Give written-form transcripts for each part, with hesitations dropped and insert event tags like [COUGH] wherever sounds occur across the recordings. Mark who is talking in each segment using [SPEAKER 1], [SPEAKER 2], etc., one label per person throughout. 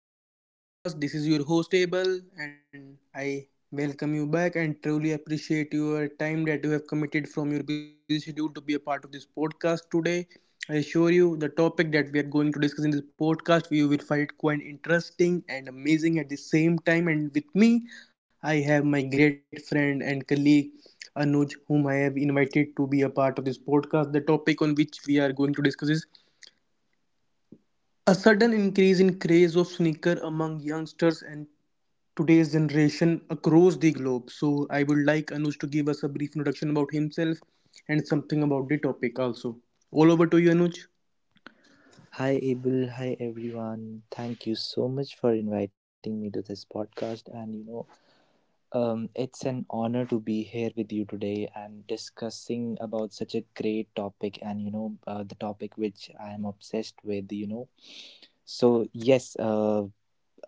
[SPEAKER 1] and welcome back to our podcast. This is your host, Abel, and I welcome you back and truly appreciate your time that you have committed from your busy schedule to be a part of this podcast today. I assure you, the topic that we are going to discuss in this podcast, you will find it quite interesting and amazing at the same time. And with me, I have my great friend and colleague Anuj, whom I have invited to be a part of this podcast. The topic on which we are going to discuss is a sudden increase in craze of sneaker among youngsters and today's generation across the globe. So I would like Anuj to give us a brief introduction about himself and something about the topic also. All over to you, Anuj.
[SPEAKER 2] Hi, Abel. Hi, everyone. Thank you so much for inviting me to this podcast. It's an honor to be here with you today and discussing about such a great topic. The topic which I am obsessed with. You know, so yes,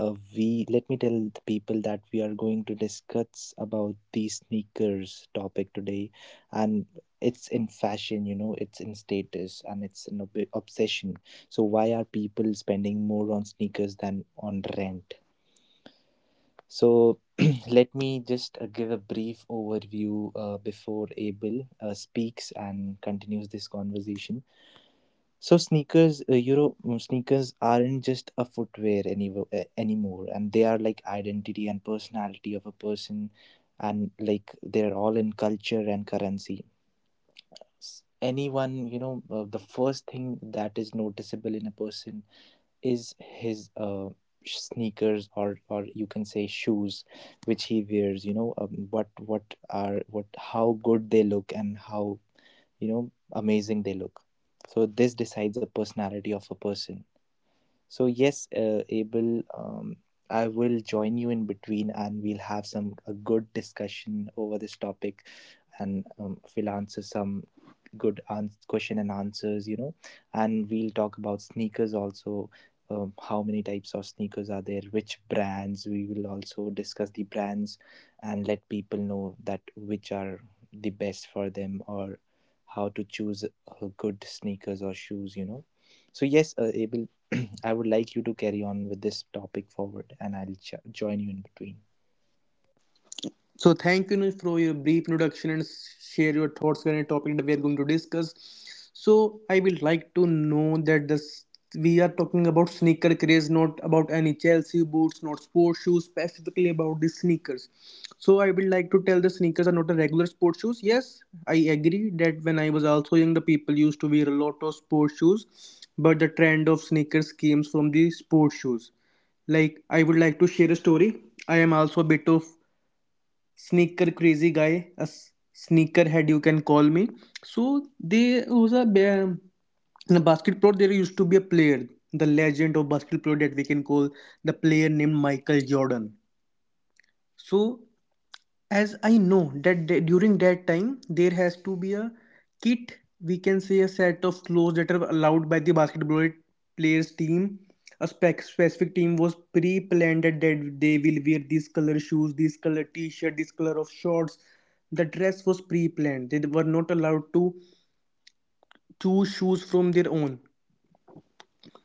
[SPEAKER 2] we Let me tell the people that we are going to discuss about the sneakers topic today, and it's in fashion, you know, it's in status, and it's an obsession. So why are people spending more on sneakers than on rent? So [CLEARS THROAT] let me just give a brief overview before Abel speaks and continues this conversation. So sneakers, you know, mm, sneakers aren't just a footwear anymore, and they are like identity and personality of a person, and like they're all in culture and currency. Anyone, the first thing that is noticeable in a person is his sneakers or you can say shoes which he wears, you know what are what how good they look and how, you know, amazing they look. So this decides the personality of a person. So yes, Abel, I will join you in between, and we'll have some a good discussion over this topic. And we'll answer some good ans question and answers, you know, and we'll talk about sneakers also. How many types of sneakers are there, which brands? We will also discuss the brands and let people know that which are the best for them, or how to choose good sneakers or shoes, you know. So yes, Abel, I would like you to carry on with this topic forward, and I'll join you in between.
[SPEAKER 1] So thank you, Anuj, for your brief introduction and share your thoughts on a topic that we are going to discuss. So I would like to know that this we are talking about sneaker craze, not about any Chelsea boots, not sports shoes, specifically about the sneakers. So I would like to tell the sneakers are not a regular sports shoes. Yes, I agree that when I was also young, the people used to wear a lot of sports shoes, but the trend of sneakers came from the sports shoes. Like, I would like to share a story. I am also a bit of sneaker crazy guy, a s- sneakerhead you can call me. So there was in a basketball there used to be a player, the legend of basketball that we can call, the player named Michael Jordan. So as I know that, during that time there has to be a kit, we can say, a set of clothes that are allowed by the basketball players team. A specific team was pre-planned that they will wear these color shoes, this color t-shirt, this color of shorts. The dress was pre-planned. They were not allowed to choose shoes from their own.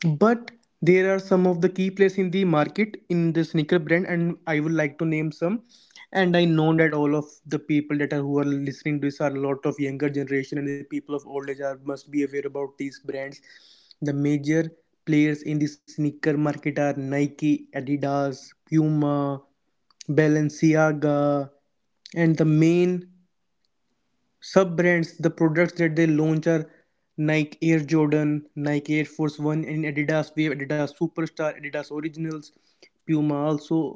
[SPEAKER 1] But there are some of the key players in the market in the sneaker brand, and I would like to name some. And I know that all of the people that are who are listening to this are a lot of younger generation, and the people of old age are must be aware about these brands. The major players in the sneaker market are Nike, Adidas, Puma, Balenciaga. And the main sub brands, the products that they launch, are Nike Air Jordan, Nike Air Force One, and Adidas, we have Adidas Superstar, Adidas Originals. Puma also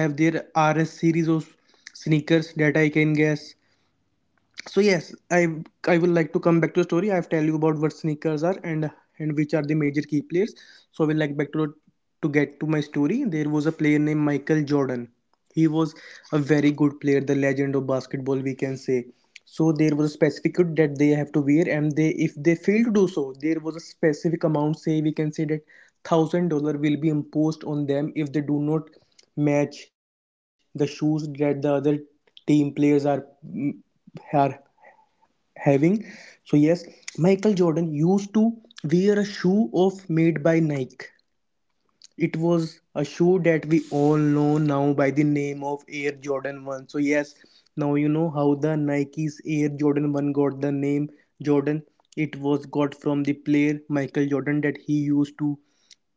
[SPEAKER 1] have their RS series of sneakers, that I can guess. So yes, I will like to come back to the story. I've tell you about what sneakers are, and which are the major key players. So we'll like back to get to my story. There was a player named Michael Jordan. He was a very good player, the legend of basketball we can say. So there was a specific kit that they have to wear, and they, if they fail to do so, there was a specific amount, say, we can say that $1,000 will be imposed on them if they do not match the shoes that the other team players are are having. So yes, Michael Jordan used to wear a shoe of made by Nike. It was a shoe that we all know now by the name of Air Jordan 1. So yes, now you know how the Nike's Air Jordan 1 got the name Jordan. It was got from the player Michael Jordan, that he used to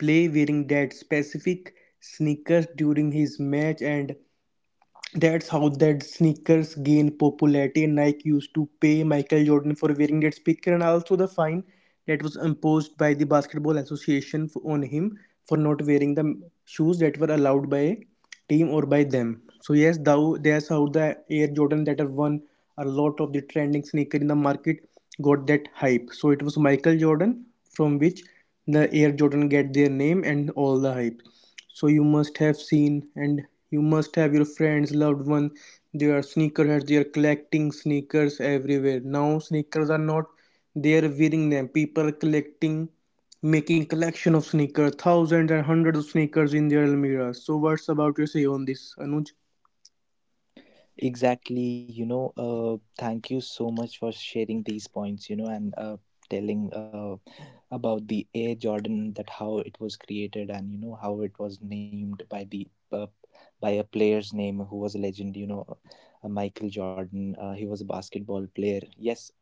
[SPEAKER 1] play wearing that specific sneakers during his match, and that's how that sneakers gain popularity. And Nike used to pay Michael Jordan for wearing that speaker, and also the fine that was imposed by the Basketball Association on him for not wearing the shoes that were allowed by team or by them. So yes, thou that's how the Air Jordan, that have won a lot of the trending sneaker in the market, got that hype. So it was Michael Jordan from which the Air Jordan get their name and all the hype. So you must have seen, and you must have your friends, loved one. They are sneakerheads. They are collecting sneakers everywhere. Now sneakers are not. They are wearing them. People are collecting, making collection of sneakers, thousands and hundreds of sneakers in their almirah. So what's about your say on this, Anuj?
[SPEAKER 2] Exactly, thank you so much for sharing these points, you know, and telling about the Air Jordan, that how it was created, and you know how it was named by the uh, by a player's name who was a legend, you know, Michael Jordan. He was a basketball player. Yes. [CLEARS THROAT]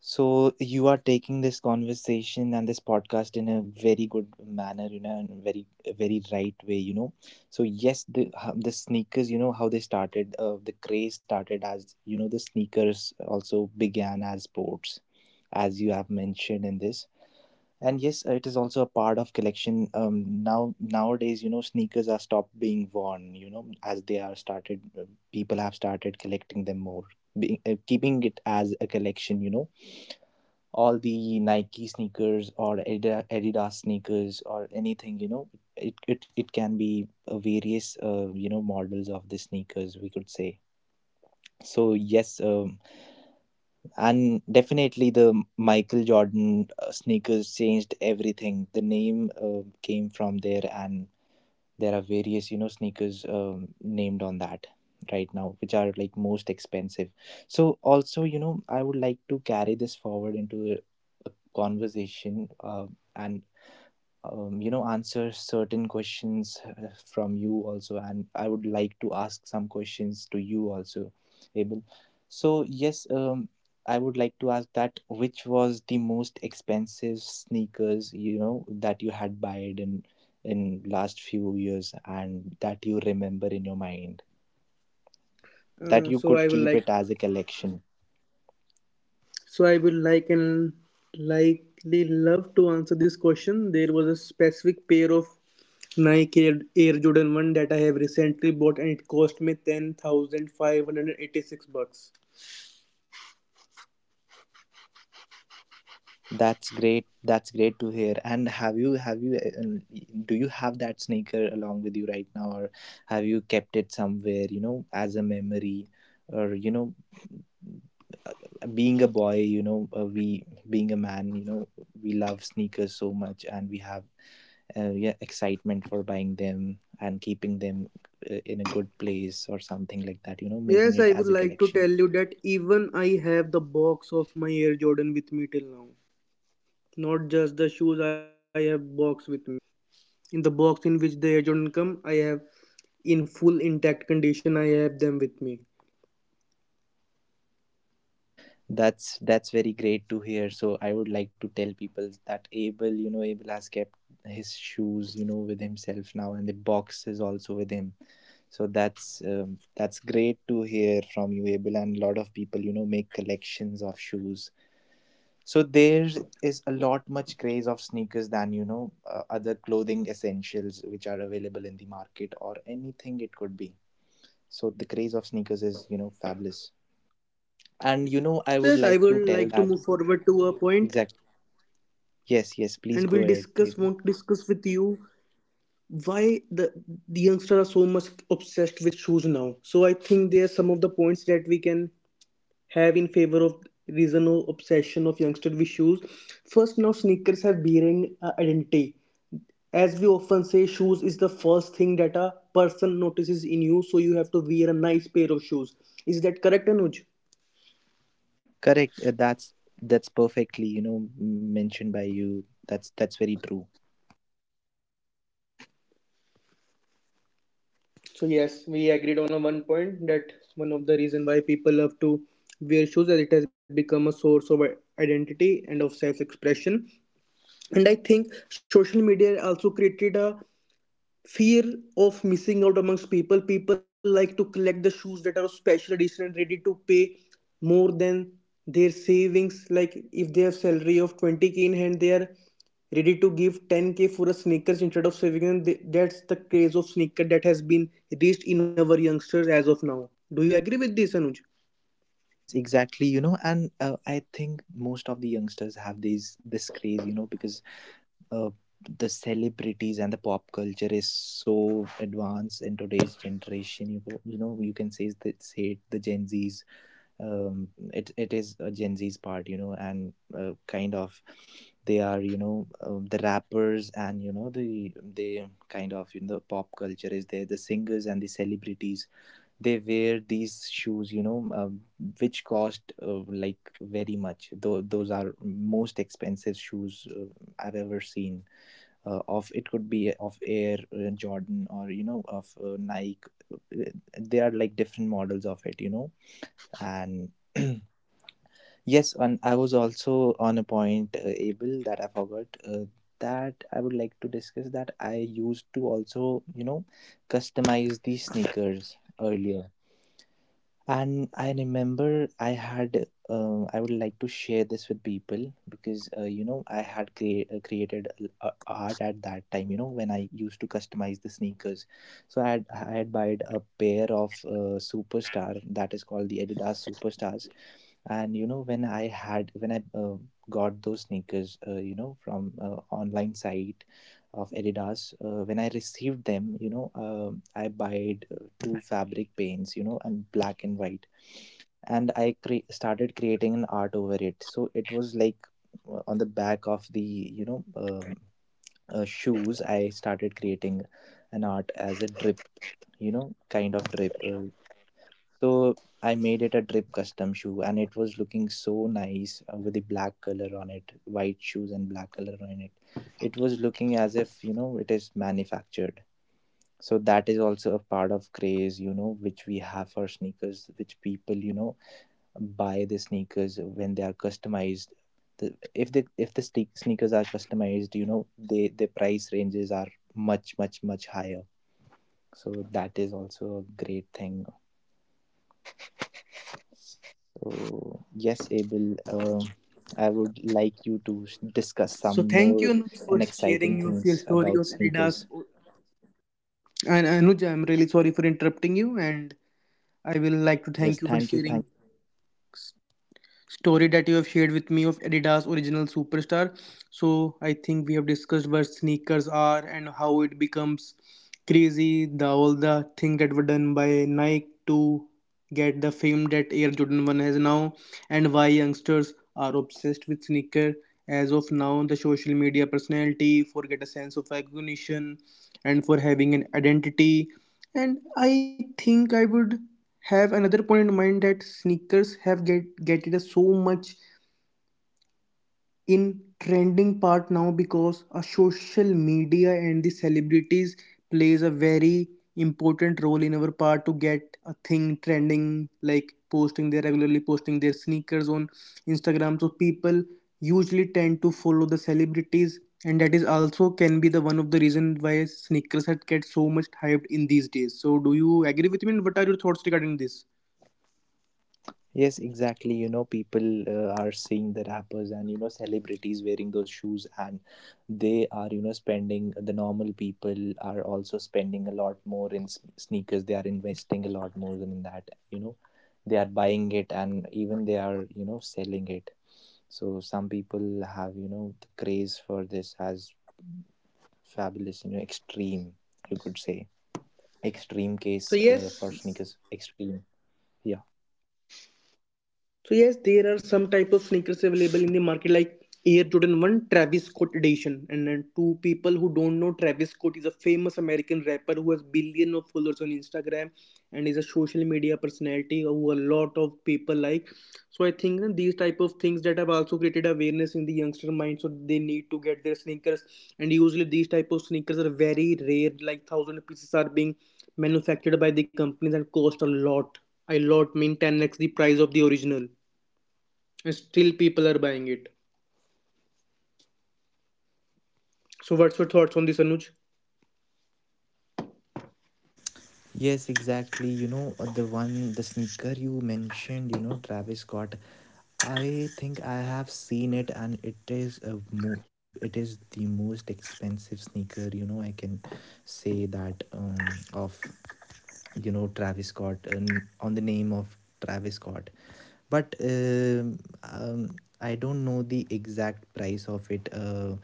[SPEAKER 2] So you are taking this conversation and this podcast in a very good manner, you know, and a very right way, you know. So yes, the sneakers, you know, how they started, the craze started. As you know, the sneakers also began as sports, as you have mentioned in this. And yes, it is also a part of collection. Now nowadays, you know, sneakers are stopped being worn, you know, as they are started. People have started collecting them more, being, keeping it as a collection, you know, all the Nike sneakers or Adidas sneakers or anything, you know, it can be various, you know, models of the sneakers, we could say. So, yes, and definitely the Michael Jordan sneakers changed everything. The name came from there, and there are various, you know, sneakers named on that right now which are like most expensive. So also, you know, I would like to carry this forward into a conversation, and you know, answer certain questions from you also, and I would like to ask some questions to you also, Abel. So yes, I would like to ask that which was the most expensive sneakers, you know, that you had buyed in last few years and that you remember in your mind, that
[SPEAKER 1] Uh,
[SPEAKER 2] you
[SPEAKER 1] so
[SPEAKER 2] could
[SPEAKER 1] I would
[SPEAKER 2] keep
[SPEAKER 1] like.
[SPEAKER 2] it as a collection.
[SPEAKER 1] So I will like and likely love to answer this question. There was a specific pair of Nike Air Jordan 1 that I have recently bought, and it cost me 10,586 bucks.
[SPEAKER 2] That's great. That's great to hear. And have you, do you have that sneaker along with you right now, or have you kept it somewhere? You know, as a memory, or you know, being a boy, you know, we being a man, you know, we love sneakers so much, and we have, yeah, excitement for buying them and keeping them in a good place or something like that. You know, making
[SPEAKER 1] Yes,
[SPEAKER 2] it
[SPEAKER 1] I would
[SPEAKER 2] as a
[SPEAKER 1] like to
[SPEAKER 2] collection.
[SPEAKER 1] tell you that even I have the box of my Air Jordan with me till now. Not just the shoes, I have box with me. In the box in which the Air Jordan come, I have in full intact condition, I have them with me.
[SPEAKER 2] That's very great to hear. So I would like to tell people that Abel, you know, Abel has kept his shoes, you know, with himself now, and the box is also with him. So that's, that's great to hear from you, Abel. And a lot of people, you know, make collections of shoes. So there is a lot much craze of sneakers than, you know, other clothing essentials which are available in the market or anything it could be. So the craze of sneakers is, you know, fabulous. And you know, I
[SPEAKER 1] So
[SPEAKER 2] would
[SPEAKER 1] yes, I
[SPEAKER 2] like to
[SPEAKER 1] would
[SPEAKER 2] tell
[SPEAKER 1] like to
[SPEAKER 2] that
[SPEAKER 1] move forward to a point,
[SPEAKER 2] exactly. Yes, yes, please
[SPEAKER 1] and
[SPEAKER 2] go
[SPEAKER 1] we'll
[SPEAKER 2] ahead,
[SPEAKER 1] discuss
[SPEAKER 2] Abel.
[SPEAKER 1] want to discuss with you why the the youngsters are so much obsessed with shoes now. So I think there are some of the points that we can have in favor of reason or obsession of youngster with shoes. First, now sneakers have bearing identity. As we often say, shoes is the first thing that a person notices in you, so you have to wear a nice pair of shoes. Is that correct, Anuj?
[SPEAKER 2] Correct. That's perfectly, you know, mentioned by you. That's very true.
[SPEAKER 1] So yes, we agreed on a one point that one of the reason why people love to wear shoes as it has become a source of identity and of self-expression. And I think social media also created a fear of missing out amongst people. Like to collect the shoes that are of special edition, and ready to pay more than their savings. Like, if they have salary of 20K in hand, they are ready to give 10K for a sneakers instead of saving, and that's the craze of sneaker that has been reached in our youngsters as of now. Do you agree with this, Anuj?
[SPEAKER 2] Yes, exactly. You know, and I think most of the youngsters have these this craze, you know, because uh, the celebrities and the pop culture is so advanced in today's generation. You go, you know, you can say the Gen Zs, it is a Gen Z's part, you know, and kind of, they are, you know, the rappers and you know they kind of, you know, the pop culture is there, the singers and the celebrities, they wear these shoes, you know, which cost like very much. Though those are most expensive shoes I've ever seen. Of it could be of Air Jordan or you know of Nike. Uh, They are like different models of it, you know, and [CLEARS THROAT] yes, and I was also on a point, Abel, that I forgot, that I would like to discuss, that I used to also, you know, customize these sneakers earlier. And I remember I had, I would like to share this with people because, you know, I had created art at that time, you know, when I used to customize the sneakers. So I had bought a pair of Superstar that is called the Adidas Superstars. And you know, when I got those sneakers, you know, from online site of Adidas. When I received them, you know, I bought two fabric paints, you know, and black and white. And I started creating an art over it. So it was like on the back of the, you know, shoes, I started creating an art as a drip, you know, kind of drip. So I made it a drip custom shoe, and it was looking so nice, with the black color on it, white shoes and black color on it. It was looking as if, you know, it is manufactured. So that is also a part of craze, you know, which we have for sneakers, which people, you know, buy the sneakers when they are customized. If the sneakers are customized, you know, they the price ranges are much higher. So that is also a great thing. So, yes, Abel, I would like you to discuss some
[SPEAKER 1] So thank
[SPEAKER 2] more
[SPEAKER 1] you, Anuj,
[SPEAKER 2] and
[SPEAKER 1] for
[SPEAKER 2] exciting
[SPEAKER 1] sharing your
[SPEAKER 2] things
[SPEAKER 1] your story
[SPEAKER 2] about
[SPEAKER 1] of
[SPEAKER 2] sneakers.
[SPEAKER 1] Adidas. And Anuj, I'm really sorry for interrupting you, and I will like to
[SPEAKER 2] Yes,
[SPEAKER 1] thank you for sharing
[SPEAKER 2] thank you so much.
[SPEAKER 1] story that you have shared with me of Adidas Original Superstar. So I think we have discussed what sneakers are and how it becomes crazy. The all the things that were done by Nike to get the fame that Air Jordan One has now, and why youngsters are obsessed with sneaker. As of now, the social media personality for get a sense of recognition and for having an identity. And I think I would have another point in mind that sneakers have get getted so much in trending part now, because a social media and the celebrities plays a very important role in our part to get a thing trending, like posting their regularly posting their sneakers on Instagram. So people usually tend to follow the celebrities, and that is also can be the one of the reason why sneakers had get so much hyped in these days. So do you agree with me, and what are your thoughts regarding this?
[SPEAKER 2] Yes, exactly. You know, people are seeing the rappers and you know celebrities wearing those shoes, and they are, you know, spending. The normal people are also spending a lot more in sneakers. They are investing a lot more than that. You know, they are buying it, and even they are, you know, selling it. So some people have, you know, the craze for this as fabulous, you know, extreme, you could say. Extreme case
[SPEAKER 1] So
[SPEAKER 2] for
[SPEAKER 1] yes,
[SPEAKER 2] sneakers, extreme. Yeah.
[SPEAKER 1] So yes, there are some type of sneakers available in the market like Air Jordan 1 Travis Scott edition. And then two people who don't know, Travis Scott is a famous American rapper who has billion of followers on Instagram, and is a social media personality who a lot of people like. So I think that these type of things that have also created awareness in the youngster mind. So they need to get their sneakers, and usually these type of sneakers are very rare, like thousand pieces are being manufactured by the companies and cost a lot. A lot mean 10x the price of the original. Still, people are buying it. So, what's your thoughts on this, Anuj?
[SPEAKER 2] Yes, exactly. You know, the one, the sneaker you mentioned, you know, Travis Scott. I think I have seen it, and it is it is the most expensive sneaker, you know, I can say that, of, you know, Travis Scott, and on the name of Travis Scott. But I don't know the exact price of it.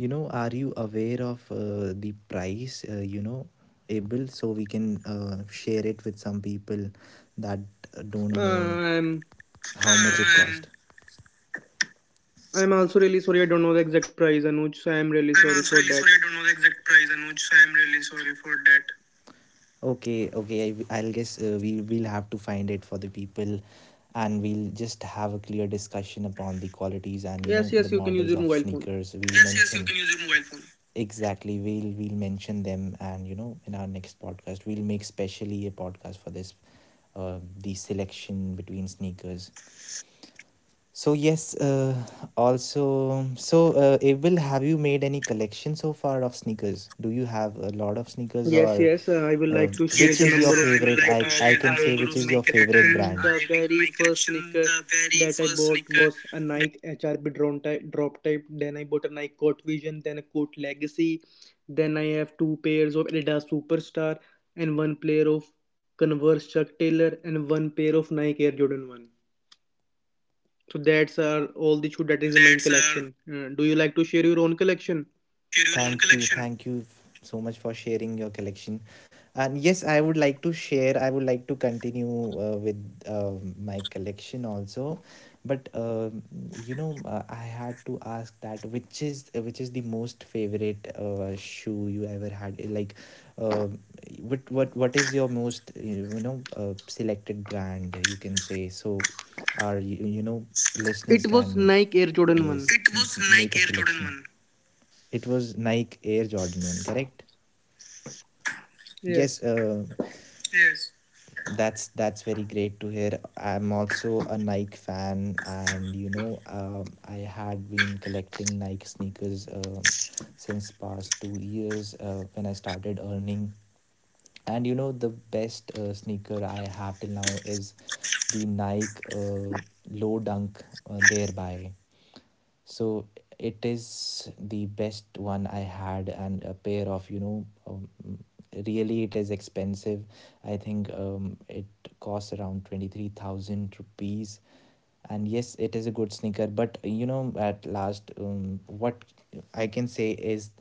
[SPEAKER 2] You know, are you aware of the price? You know, Abel, so we can share it with some people that
[SPEAKER 1] Uh,
[SPEAKER 2] don't know
[SPEAKER 1] I'm
[SPEAKER 2] how much it cost.
[SPEAKER 1] I'm also really sorry. I don't know the exact
[SPEAKER 2] I'm
[SPEAKER 1] price,
[SPEAKER 2] also really
[SPEAKER 1] Anuj.
[SPEAKER 2] sorry.
[SPEAKER 1] So
[SPEAKER 2] I
[SPEAKER 1] I'm
[SPEAKER 2] don't know the
[SPEAKER 1] really sorry
[SPEAKER 2] exact
[SPEAKER 1] for
[SPEAKER 2] price,
[SPEAKER 1] that.
[SPEAKER 2] Anuj. So I'm really sorry for that. Okay, okay. I will guess we will have to find it for the people, and we'll just have a clear discussion upon the qualities and you know the
[SPEAKER 1] Yes, yes, you can
[SPEAKER 2] models
[SPEAKER 1] use your
[SPEAKER 2] of
[SPEAKER 1] mobile phone.
[SPEAKER 2] sneakers. We'll Yes, yes, you mention can use your mobile phone. Exactly. We'll mention them, and you know in our next podcast we'll make specially a podcast for this, the selection between sneakers. So yes, also, so Abel, have you made any collection so far of sneakers? Do you have a lot of sneakers,
[SPEAKER 1] Yes,
[SPEAKER 2] or
[SPEAKER 1] yes, I will
[SPEAKER 2] uh,
[SPEAKER 1] like to share
[SPEAKER 2] which Yes,
[SPEAKER 1] the
[SPEAKER 2] is yes, your
[SPEAKER 1] number of
[SPEAKER 2] I would
[SPEAKER 1] sneaker
[SPEAKER 2] favorite? Like I
[SPEAKER 1] that
[SPEAKER 2] to I share the can
[SPEAKER 1] I
[SPEAKER 2] say number
[SPEAKER 1] having
[SPEAKER 2] which of
[SPEAKER 1] in
[SPEAKER 2] is
[SPEAKER 1] my
[SPEAKER 2] your sneaker favorite that
[SPEAKER 1] collection.
[SPEAKER 2] brand I
[SPEAKER 1] The
[SPEAKER 2] have in
[SPEAKER 1] very
[SPEAKER 2] my
[SPEAKER 1] first
[SPEAKER 2] collection.
[SPEAKER 1] sneaker
[SPEAKER 2] The very
[SPEAKER 1] that I
[SPEAKER 2] first
[SPEAKER 1] bought
[SPEAKER 2] sneaker
[SPEAKER 1] was a
[SPEAKER 2] that,
[SPEAKER 1] Nike HRP drop type. Then I bought a Nike Court Vision, then a Court Legacy. Then I have two pairs of Adidas Superstar and one pair of Converse Chuck Taylor and one pair of Nike Air Jordan 1. So that's are all the shoe that is in my
[SPEAKER 2] that's
[SPEAKER 1] collection. Do you like to share your own
[SPEAKER 2] mm,
[SPEAKER 1] collection?
[SPEAKER 2] do you like to share your own Thank you, collection? Thank you so much for sharing your collection. And yes, I would like to share. I would like to continue with uh, my collection also, but you know, I had to ask that which is the most favorite shoe you ever had? Eh, like, uh, what is your most, you know, selected brand, you can say? So, our you know, listeners
[SPEAKER 1] It was
[SPEAKER 2] can
[SPEAKER 1] Nike Air Jordan
[SPEAKER 2] s-
[SPEAKER 1] 1.
[SPEAKER 2] It was make Nike a Air Jordan selection. 1. It was Nike Air Jordan 1, correct?
[SPEAKER 1] Yes.
[SPEAKER 2] Yes, Yes. That's very great to hear. I'm also a Nike fan, and you know, I had been collecting Nike sneakers since past 2 years when I started earning. And you know, the best sneaker I have till now is the Nike Low Dunk thereby So it is the best one I had, and a pair of, you know, really it is expensive. I think it costs around 23,000 rupees. And yes, it is a good sneaker, but you know, at last, what I can say is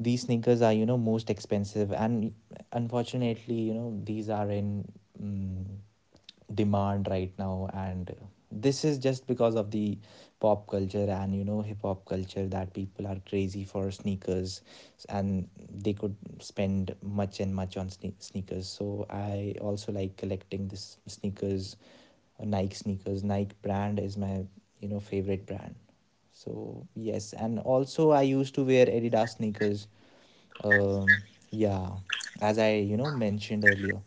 [SPEAKER 2] these sneakers are, you know, most expensive, and unfortunately, you know, these are in, mm, demand right now. And this is just because of the pop culture and, you know, hip hop culture, that people are crazy for sneakers, and they could spend much and much on sneakers. So I also like collecting this sneakers, Nike sneakers. Nike brand is my, you know, favorite brand. So yes, and also I used to wear Adidas sneakers, um, yeah, as I, you know, mentioned earlier.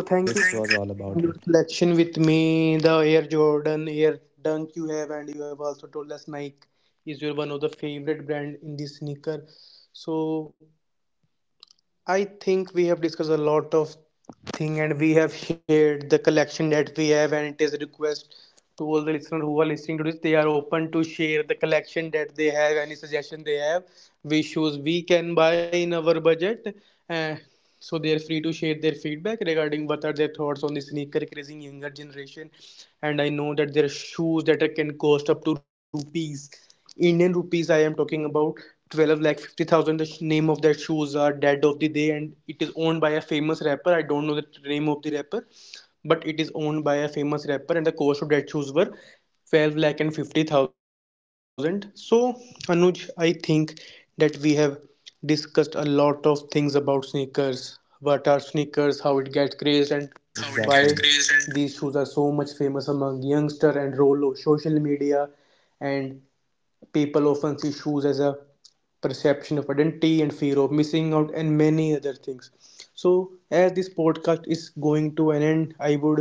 [SPEAKER 1] So
[SPEAKER 2] So this
[SPEAKER 1] thank you.
[SPEAKER 2] think was all about
[SPEAKER 1] Sharing
[SPEAKER 2] it.
[SPEAKER 1] your collection with me, the Air Jordan, Air Dunk you have, and you have also told us Nike is your one of the favorite brand in this sneaker. So I think we have discussed a lot of thing, and we have shared the collection that we have. And it is a request to all the listeners who are listening to this, they are open to share the collection that they have, any suggestion they have which shoes we can buy in our budget. Uh, so they are free to share their feedback regarding what are their thoughts on the sneaker crazing younger generation. And I know that there are shoes that can cost up to rupees, Indian rupees I am talking about, 12 lakh 50,000. The name of that shoes are Dead of the Day, and it is owned by a famous rapper. I don't know the name of the rapper, but it is owned by a famous rapper, and the cost of that shoes were 12 lakh and 50,000. So Anuj, I think that we have discussed a lot of things about sneakers, what are sneakers, how it gets crazed, and
[SPEAKER 2] What are Yes, sneakers,
[SPEAKER 1] why
[SPEAKER 2] how it get exactly.
[SPEAKER 1] these
[SPEAKER 2] crazy
[SPEAKER 1] shoes
[SPEAKER 2] and
[SPEAKER 1] are so much famous among youngster, and role of social media. And people often see shoes as a perception of identity and fear of missing out and many other things. So, as this podcast is going to an end, I would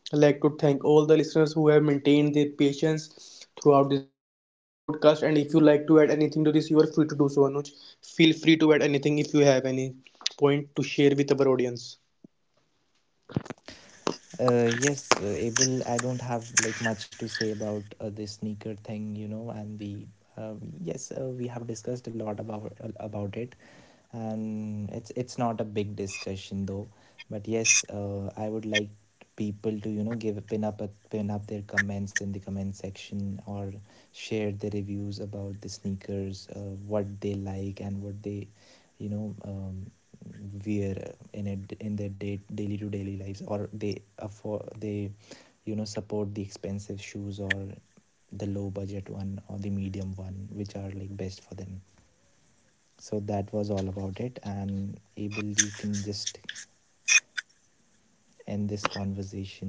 [SPEAKER 1] like to thank all the listeners who have maintained their patience throughout this podcast. And if you like to add anything to this, you are free to do so, Anuj. Feel free to add anything if you have any point to share with our audience.
[SPEAKER 2] Yes, Abel, I don't have like much to say about this sneaker thing, you know, and the uh, yes, we have discussed a lot about it, and it's not a big discussion though. But yes, I would like people to, you know, give pin up a, pin up their comments in the comment section, or share the reviews about the sneakers, what they like, and what they, you know, wear in it in their daily to daily lives, or they afford, they, you know, support the expensive shoes or the low budget one or the medium one which are like best for them. So that was all about it, and Abel, you can just end this conversation.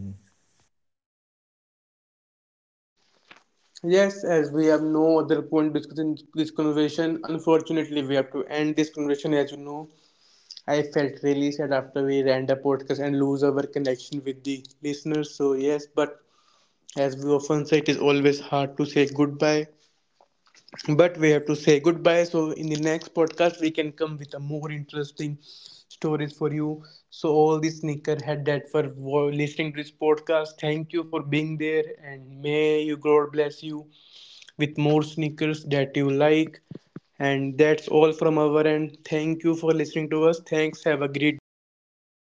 [SPEAKER 1] Yes, as we have no other point discussing this conversation, unfortunately, we have to end this conversation, as you know. I felt really sad after we ran the podcast and lose our connection with the listeners. So yes, but as we often say, it is always hard to say goodbye. But we have to say goodbye. So in the next podcast, we can come with a more interesting stories for you. So all the sneakerhead that for listening to this podcast, thank you for being there, and may you God bless you with more sneakers that you like. And that's all from our end. Thank you for listening to us. Thanks. Have a great day, guys.